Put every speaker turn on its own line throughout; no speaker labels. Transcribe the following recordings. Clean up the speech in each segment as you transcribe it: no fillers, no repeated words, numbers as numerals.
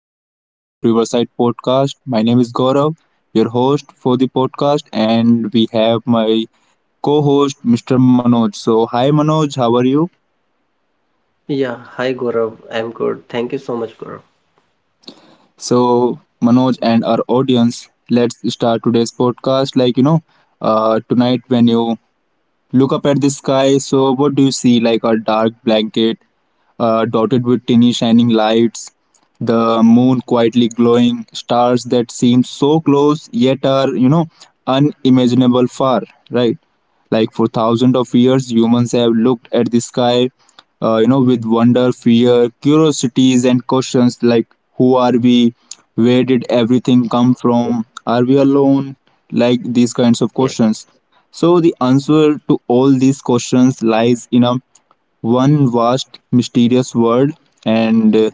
episode of Riverside Podcast. My name is Gaurav, your host for the podcast, and we have my co-host Mr. Manoj. So hi Manoj, how are you?
Yeah, hi Gaurav. I'm good. Thank you so much, Gaurav.
So Manoj and our audience, let's start today's podcast. Tonight when you look up at the sky. So, what do you see? Like a dark blanket dotted with tiny shining lights, the moon quietly glowing, stars that seem so close yet are, unimaginable far, right? Like for thousands of years, humans have looked at the sky, with wonder, fear, curiosities, and questions like who are we? Where did everything come from? Are we alone? Like these kinds of
Yes,
questions. So the answer to all these questions lies in a one vast mysterious world and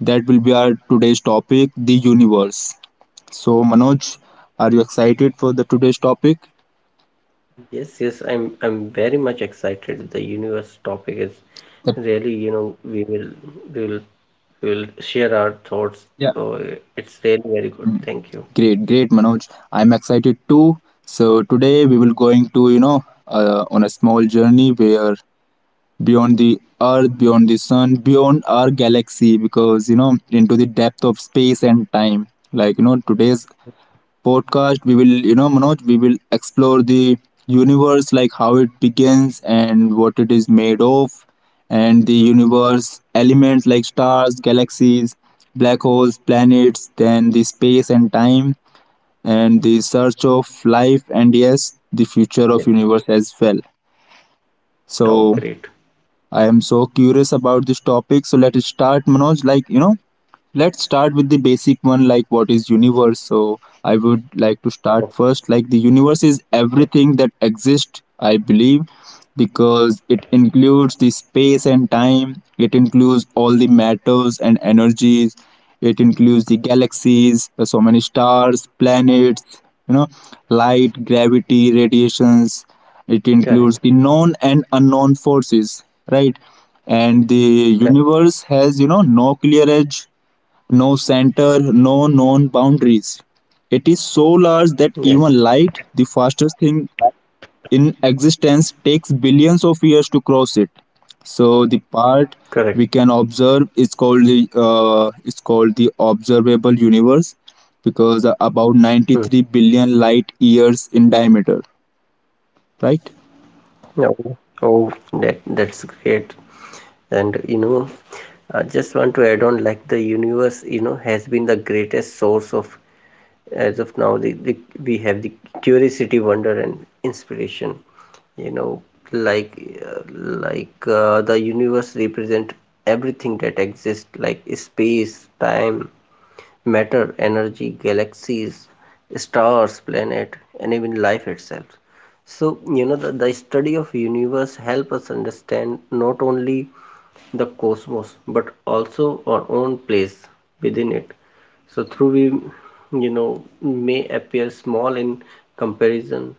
that will be our today's topic the universe. So Manoj, are you excited for the today's topic?
yes. I'm very much excited. The universe topic is
Yep.
really, you know, we will we will share our thoughts.
Yeah.
So it's really very good. Thank you.
Great, great Manoj. I'm excited too. So today we will going to on a small journey where beyond the earth, beyond the sun, beyond our galaxy, because you know into the depth of space and time. Today's podcast, we will, you know, Manoj, we will explore the universe, like how it begins and what it is made of, and the universe elements like stars, galaxies, black holes, planets, then the space and time, and the search of life, and yes, the future of universe as
Yes.
well.
Oh,
So
great.
I am so curious about this topic. So let us start, Manoj. Let's start with the basic one like what is universe. So I would like to start
Oh,
first like the universe is
yes.
everything that exists, I believe, because it includes the space and time, it includes all the matters and energies, it includes the galaxies, so many stars, planets, you know, light, gravity, radiations. It includes the
Correct.
known and unknown forces, right? And the
Correct.
universe has you know no clear edge, no center, no known boundaries. It is so large that
Yes.
even light, the fastest thing in existence, takes billions of years to cross it. So the part
Correct.
we can observe is called the observable universe, because about
Hmm.
93 billion light years in diameter, right?
Oh, oh, that's great. And you know, I just want to add on like the universe, you know, has been the greatest source of as of now the we have the curiosity, wonder and inspiration, you know, like like the universe represent everything that exists like space, time, matter, energy, galaxies, stars, planet and even life itself. So you know, the study of universe help us understand not only the cosmos but also our own place within it. So through we, you know, may appear small in comparison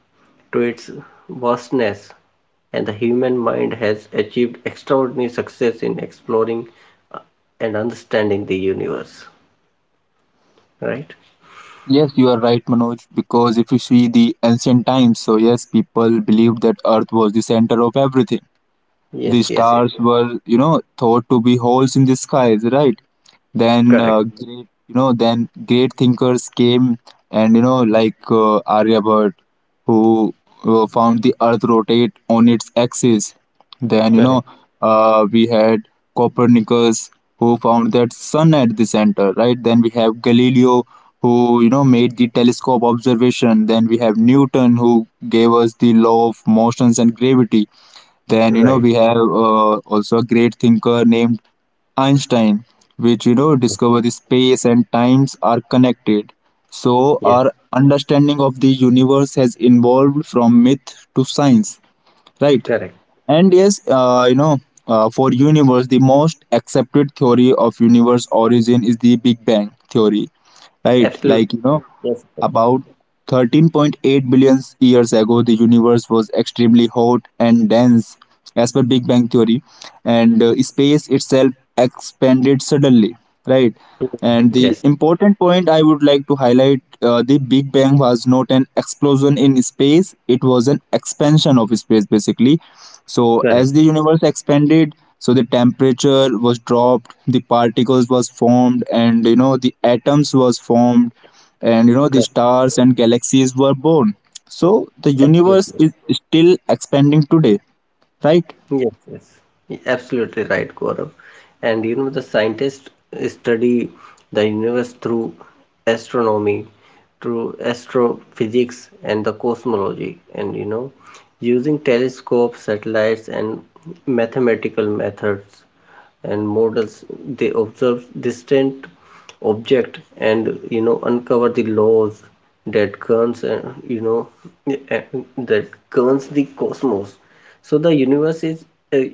to its vastness, and the human mind has achieved extraordinary success in exploring uh, and understanding the universe, right?
Yes, you are right, Manoj. Because if you see the ancient times, so yes, people believed that Earth was the center of everything. The
yes
stars
yes yes
were, you know, thought to be holes in the skies, right? Then,
Correct.
then great thinkers came, and you know, like Aryabhat, who found the Earth rotate on its axis. Then, you know,
Correct.
we had Copernicus, who found that sun at the center, right? Then we have Galileo, who you know made the telescope observation. Then we have Newton, who gave us the law of motions and gravity. Then, you know, we
Right.
have also a great thinker named Einstein, which, you know, discovered the space and times are connected. So, our
Yes.
understanding of the universe has evolved from myth to science, right?
Correct.
And yes, for universe, the most accepted theory of universe origin is the Big Bang theory, right? Like,
Absolutely.
you know,
Yes,
about 13.8 billion years ago, the universe was extremely hot and dense, as per Big Bang theory, and space itself expanded suddenly, right? And the
yes.
important point I would like to highlight the Big Bang was not an explosion in space, it was an expansion of space basically. So, as
Correct.
the universe expanded, so the temperature was dropped, the particles was formed, and you know, the atoms was formed, and you know the
Correct.
stars and galaxies were born, so the universe
Absolutely.
is still expanding today, right?
Yes, yes, absolutely right, Gaurav. And you know, the scientists study the universe through astronomy, through astrophysics, and the cosmology. And you know, using telescopes, satellites, and mathematical methods and models, they observe distant object and, you know, uncover the laws that governs and uh, that governs the cosmos. So the universe is uh,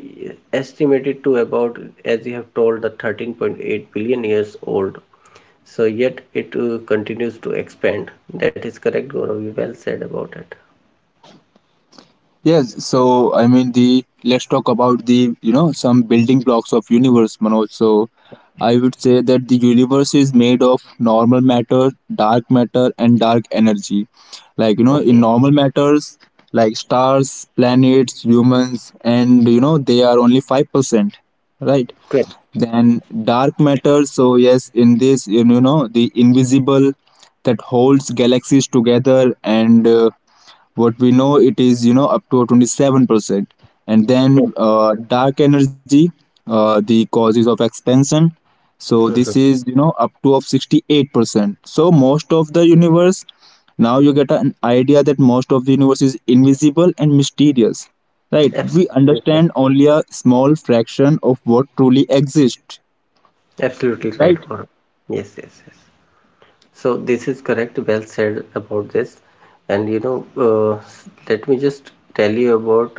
estimated to about, as you have told, the 13.8 billion years old, so yet it continues to expand. That is correct, Gaurav, you well said about it.
Yes, so I mean the let's talk about the you know some building blocks of universe, Manoj. So I would say that the universe is made of normal matter, dark matter, and dark energy. Like you know, in normal matters like stars, planets, humans, and you know they are only 5%, right?
Correct.
Then dark matter. So yes, in this you know the invisible that holds galaxies together, and what we know it is you know up to 27%, and
Yes,
then uh, dark energy, the causes of expansion, so this is you know up to of 68%, so most of the universe, now you get an idea that most of the universe is invisible and mysterious, right? We
absolutely right.
understand only a small fraction of what truly exists,
Absolutely right,
right?
Gaurav. Yes. So this is correct, well said about this. And you know, let me just tell you about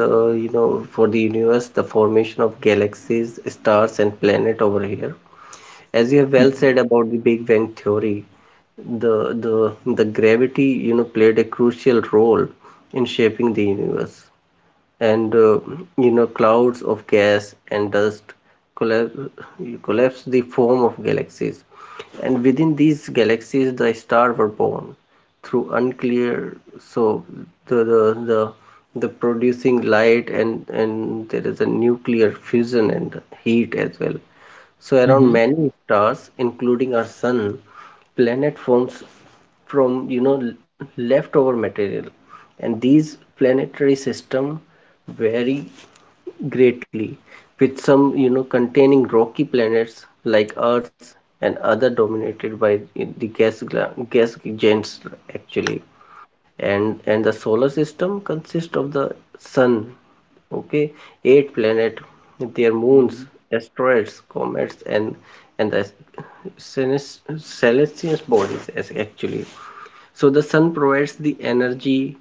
you know, for the universe, the formation of galaxies, stars, and planet over here. As you have well said about the Big Bang theory, the gravity, you know, played a crucial role in shaping the universe. And you know, clouds of gas and dust collapse, collapse the form of galaxies, and within these galaxies the stars were born through unclear. So the the the, the producing light, and there is a nuclear fusion and heat as well. So around
Mhm.
many stars, including our sun, planet forms from, you know, leftover material, and these planetary system vary greatly, with some, you know, containing rocky planets like Earth and other dominated by the gas giants, actually. And the solar system consists of the sun, okay, eight planets, their moons, asteroids, comets and the celestial bodies, as actually. So the sun provides the energy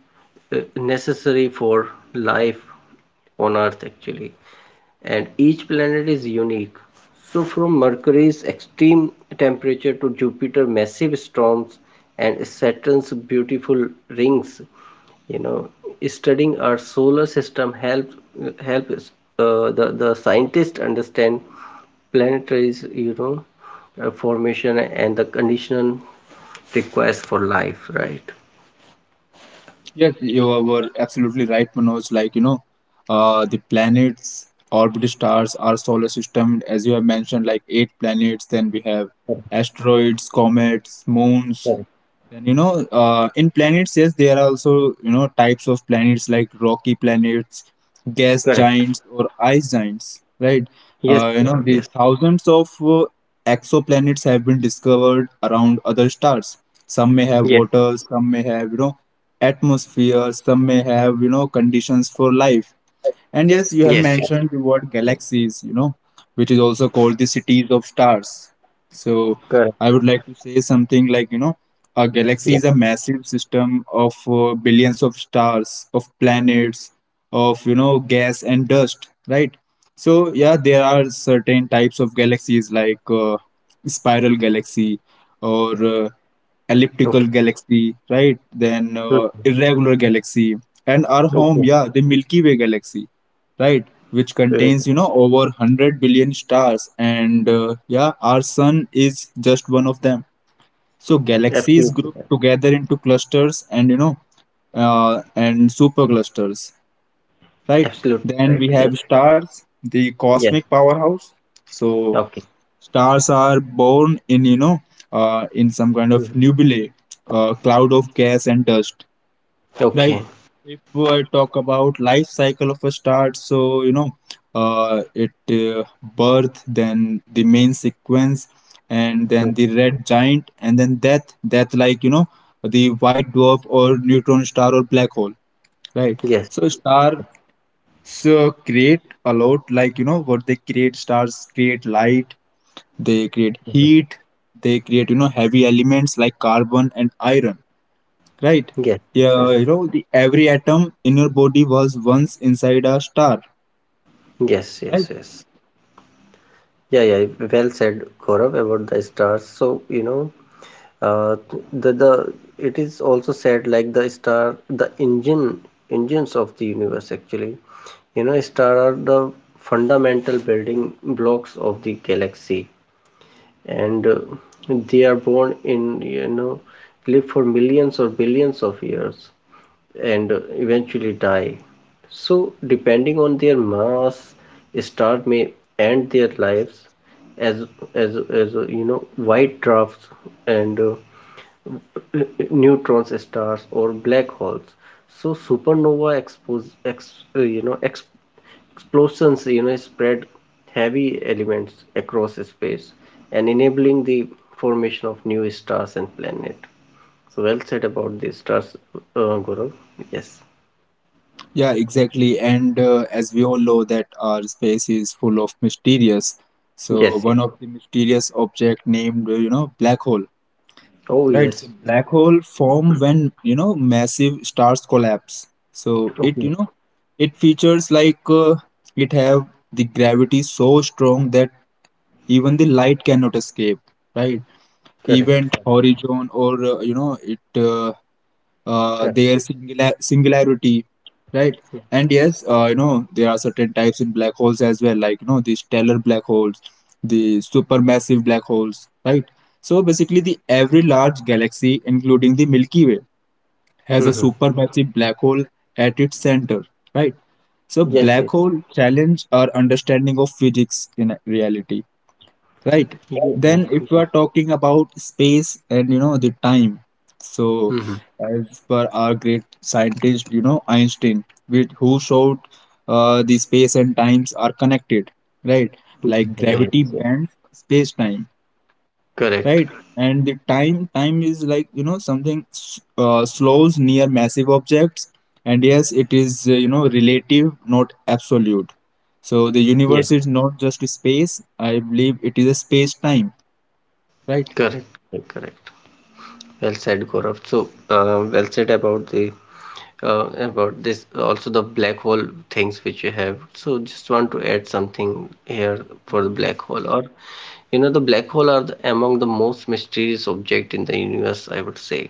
necessary for life on earth, actually. And each planet is unique, so from mercury's extreme temperature to jupiter's massive storms and saturn's beautiful rings, you know, studying our solar system helps, help the scientists understand planetary, you know, formation and the condition requires for life, right?
Yes, you were absolutely right, Manoj. Like, you know, the planets, orbit stars, our solar system, as you have mentioned, like eight planets, then we have asteroids, comets, moons,
Correct.
then you know, in planets, yes, there are also you know types of planets like rocky planets, gas giants, or ice giants, right?
Yes, Gaurav,
You
yes.
know, the thousands of exoplanets have been discovered around other stars. Some may have
Yes.
water, some may have you know atmosphere, some may have you know conditions for life. And yes,
Yes.
you
Yes.
have mentioned the word galaxies, you know, which is also called the cities of stars. So
Correct.
I would like to say something like, you know, a
Yes.
galaxy is a massive system of billions of stars, of planets, of, you know, gas and dust, right? So yeah, there are certain types of galaxies like spiral galaxy or
Okay.
elliptical galaxy, right? Then
Hmm.
irregular galaxy, and our
Okay.
home, yeah, the Milky Way galaxy, right, which
Great.
contains you know over 100 billion stars, and yeah our sun is just one of them. So galaxies
Absolutely.
group together into clusters, and you know and superclusters, right?
Absolutely
Then
right.
we have stars, the
Yes.
cosmic powerhouse. So
Okay.
stars are born in you know in some kind of nebulae, cloud of gas and dust. Right.
Okay.
If I talk about life cycle of a start, so you know, it birth, then the main sequence, and then the red giant, and then death. Death, like you know, the white dwarf or neutron star or black hole. Right.
yes
So stars create a lot, like you know, what they create. Stars create light. They create heat. They create you know heavy elements like carbon and iron, right?
yes yes
Yeah, you
yes
know, every atom in your body was once inside a star,
yes yes
right?
yes Yeah, yeah, well said, Gaurav, about the stars. So you know, Uh, the it is also said like the star, the engines of the universe, actually. You know, star are the fundamental building blocks of the galaxy. And they are born in, you know, live for millions or billions of years, and eventually die. So depending on their mass, star may end their lives as white drafts, and neutrons stars or black holes. So supernova expose ex, you know ex, explosions, you know, spread heavy elements across space, and enabling the formation of new stars and planet. So well said about the stars, guru. Yes.
Yeah, exactly. And as we all know that our space is full of mysterious. So
Yes.
one of the mysterious object named, you know, black hole,
Oh,
right? So
yes.
black hole form when, you know, massive stars collapse. So it, you
Oh,
know, it features like it have the gravity so strong that even the light cannot escape, right? Event
correct.
horizon or you know it their singularity, right? And yes you know there are certain types in black holes as well, like you know the stellar black holes, the supermassive black holes, right? So basically the every large galaxy including the Milky Way has a
Hmm.
supermassive black hole at its center, right? So
Yes.
black
Yes.
hole challenge our understanding of physics in reality, right? Then
Yeah.
if we are talking about space and you know the time, so
Hmm.
as per our great scientist you know Einstein with who showed the space and times are connected, right? Like
Yeah,
gravity
yes, yes.
bends space time,
Correct.
right? And the time is like you know something slows near massive objects, and yes it is you know relative, not absolute. So the universe
Yes.
is not just space, I believe it is a space time, right?
Correct. Correct. Well said, Gaurav. So, well said about the about this also, the black hole things which you have. So just want to add something here for the black hole, or you know, the black hole are the, among the most mysterious object in the universe, I would say.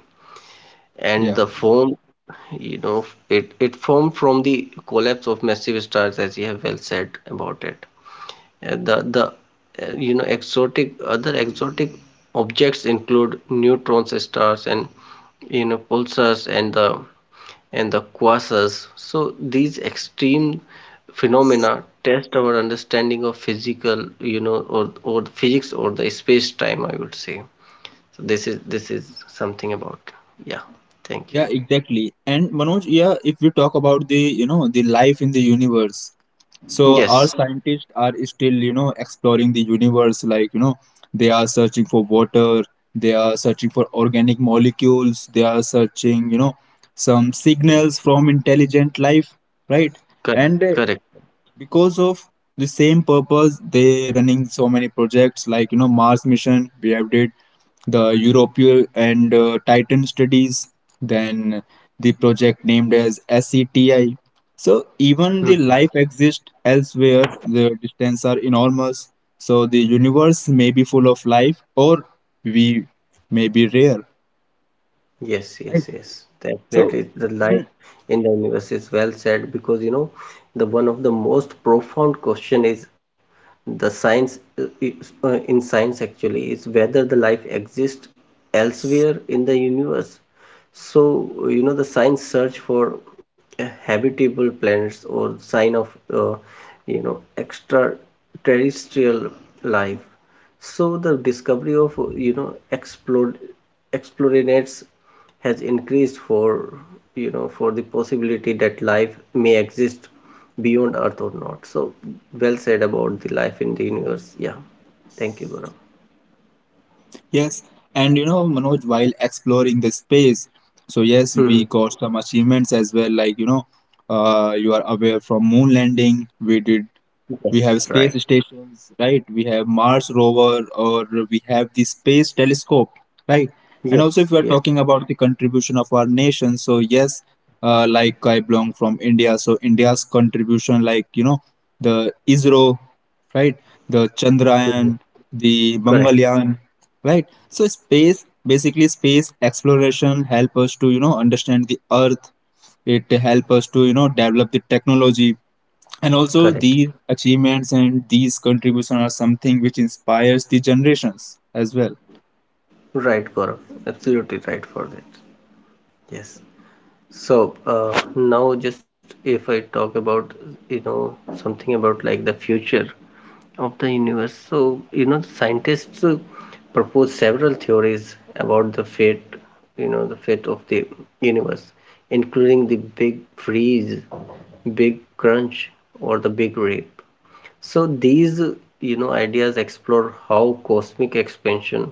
And
Yeah.
the form, you know, it formed from the collapse of massive stars, as you have well said about it. The You know, exotic, other exotic objects include neutrons, stars, and you know, pulsars and the quasars. So these extreme phenomena test our understanding of physical, you know, or physics or the space time, I would say. So this is something about. Yeah. Thank
Yeah,
you.
exactly. And Manoj, yeah, if we talk about the you know the life in the universe, so our
Yes.
scientists are still you know exploring the universe, like you know they are searching for water, they are searching for organic molecules, they are searching you know some signals from intelligent life, right?
Correct.
And
Correct.
because of the same purpose they running so many projects like you know Mars mission we have did, the European and Titan studies, then the project named as SETI. So even the life exists elsewhere the distance are enormous, so the universe may be full of life or we may be rare.
Yes, yes, yes. Definitely,
So
the life
in,
in the universe is well said, because you know, the one of the most profound question is the science in science, actually, is whether the life exists elsewhere in the universe. So you know, the science search for habitable planets or sign of, you know, extraterrestrial life. So the discovery of, you know, explode explorinates has increased for, you know, for the possibility that life may exist beyond Earth or not. So well said about the life in the universe. Yeah, thank you, Gaurav.
yes, and you know, Manoj, while exploring the space, so yes, we
Mhm.
got some achievements as well. You are aware from moon landing, we have
Yes,
space
right.
stations, right? We have Mars rover, or we have the space telescope, right? And also if
Yes,
we are
yes.
talking about the contribution of our nation, so yes, like I belong from India, so India's contribution, like, the ISRO, right? The Chandrayaan,
Mhm.
the
Correct,
Mangalyaan, right? so space Basically, space exploration help us to understand the earth. It help us to develop the technology. And also
correct.
these achievements and these contributions are something which inspires the generations as well.
Right, Gaurav. Absolutely right for that. Yes. So now, just if I talk about, you know, something about like the future of the universe. So you know, scientists propose several theories about the fate, you know, the fate of the universe, including the big freeze, big crunch, or the big rip. So these, you know, ideas explore how cosmic expansion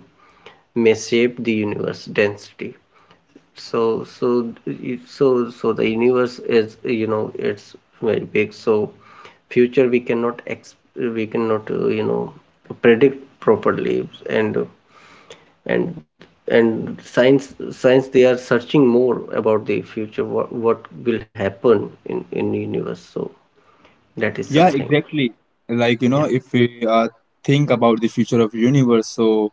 may shape the universe density. So so so so the universe is, you know, it's very big, so future we cannot ex we cannot you know, predict properly. And and and science, they are searching more about the future, what will happen in the universe. So that is
Yeah,
something.
exactly. Like, you
Yeah.
know, If we think about the future of universe, so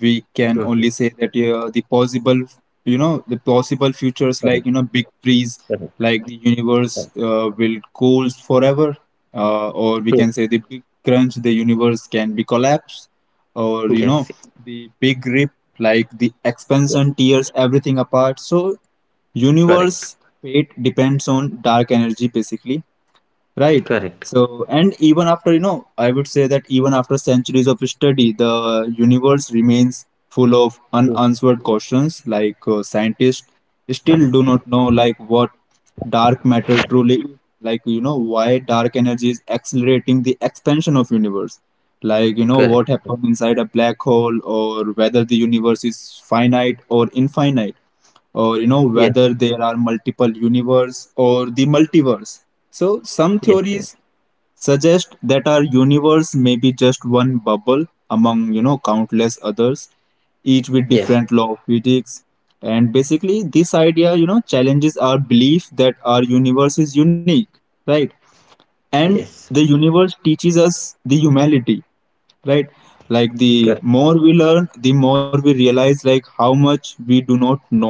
we can
Mhm.
only say that the possible
Correct,
futures, like, big freeze,
correct,
like the
correct.
universe will cool forever, or
Hmm.
we can say the big crunch, the universe can be collapsed, or, you
Yes.
know, the big rip, like the
Yeah.
expansion tears everything apart. So
Correct.
universe fate depends on dark energy, basically, right?
Correct.
So, and even after, I would say that, even after centuries of study, the universe remains full of
Hmm.
unanswered questions, like scientists still do not know, like, what dark matter truly is, why dark energy is accelerating the expansion of universe,
Correct.
what happened inside a black hole, or whether the universe is finite or infinite, or
Yeah.
whether there are multiple universe or the multiverse. So some
Yes. Yes.
theories suggest that our universe may be just one bubble among, countless others, each with
Yes.
different law of physics. And basically, this idea, challenges our belief that our universe is unique, right? And
Yes.
the universe teaches us the humanity, right? Like,
Correct.
the more we learn, the more we realize, like, how much we do not know,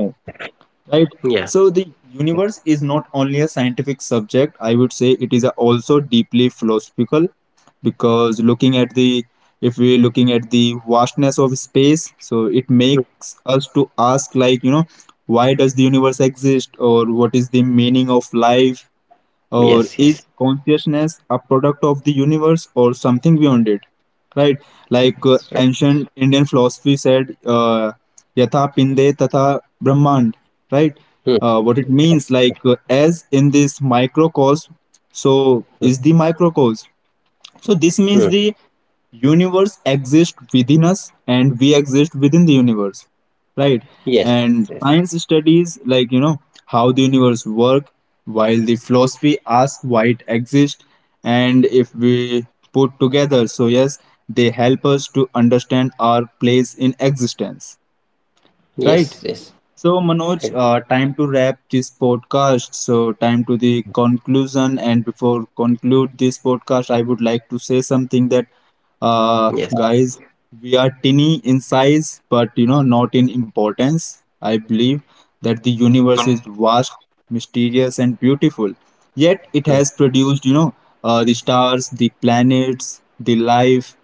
right?
Yeah.
So the universe is not only a scientific subject, I would say it is a also deeply philosophical, because looking at the if we're looking at the vastness of space, so it makes us to ask, like, why does the universe exist, or what is the meaning of life,
Yes.
or
Yes.
is consciousness a product of the universe or something beyond it, right? Like,
Yes. Right.
ancient Indian philosophy said, yatha pinde tatha brahmand, right?
Hmm.
What it means, like, as in this microcosm, so is the microcosm. So this
Hmm.
means the universe exists within us and we exist within the universe, right?
Yes.
And
Yes.
science studies, like, how the universe work, while the philosophy asks why it exists, and if we put together, so yes, they help us to understand our place in existence.
Yes.
Right.
Yes.
So,
Right.
Manoj, time to wrap this podcast. So, time to the conclusion. And before conclude this podcast, I would like to say something that,
Yes.
guys, we are tiny in size, but, not in importance. I believe that the universe is vast, mysterious, and beautiful. Yet, it
Hmm.
has produced, the stars, the planets, the life,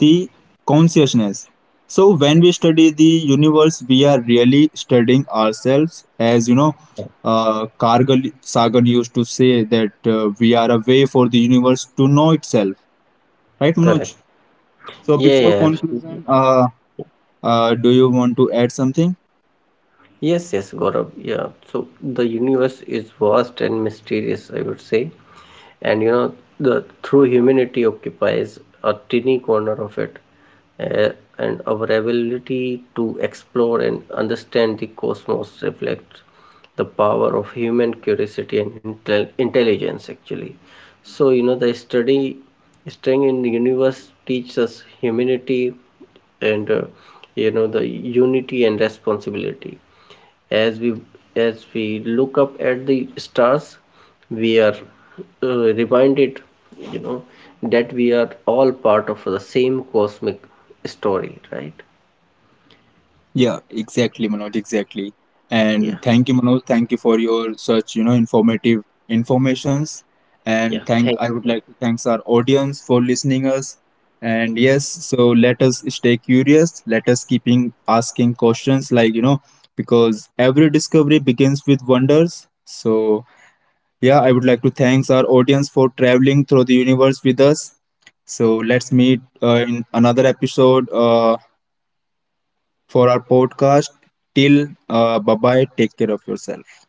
the consciousness. So when we study the universe, we are really studying ourselves. As you know, Cargill Sagan used to say that we are a way for the universe to know itself, right,
Correct.
Manoj? So
Yeah. Yeah.
before
Absolutely.
conclusion, do you want to add something?
Yes, yes, Gaurav. Yeah. So the universe is vast and mysterious, I would say. And you know, the through humanity occupies a tiny corner of it. Uh, and our ability to explore and understand the cosmos reflects the power of human curiosity and intelligence, actually. So, you know, the study staying in the universe teaches us humanity, and you know, the unity and responsibility. as we as we look up at the stars, we are reminded, you know, that we are all part of the same cosmic story, right?
Yeah, exactly, Manoj, exactly.
Yeah,
And thank you, Manoj. Thank you for your such, informative informations.
yeah,
And
thank
thank I would like to thanks our audience for listening us. And yes, so let us stay curious. Let us keeping asking questions like, because every discovery begins with wonders. So yeah, I would like to thanks our audience for traveling through the universe with us. So let's meet in another episode. For our podcast. Till bye bye, take care of yourself.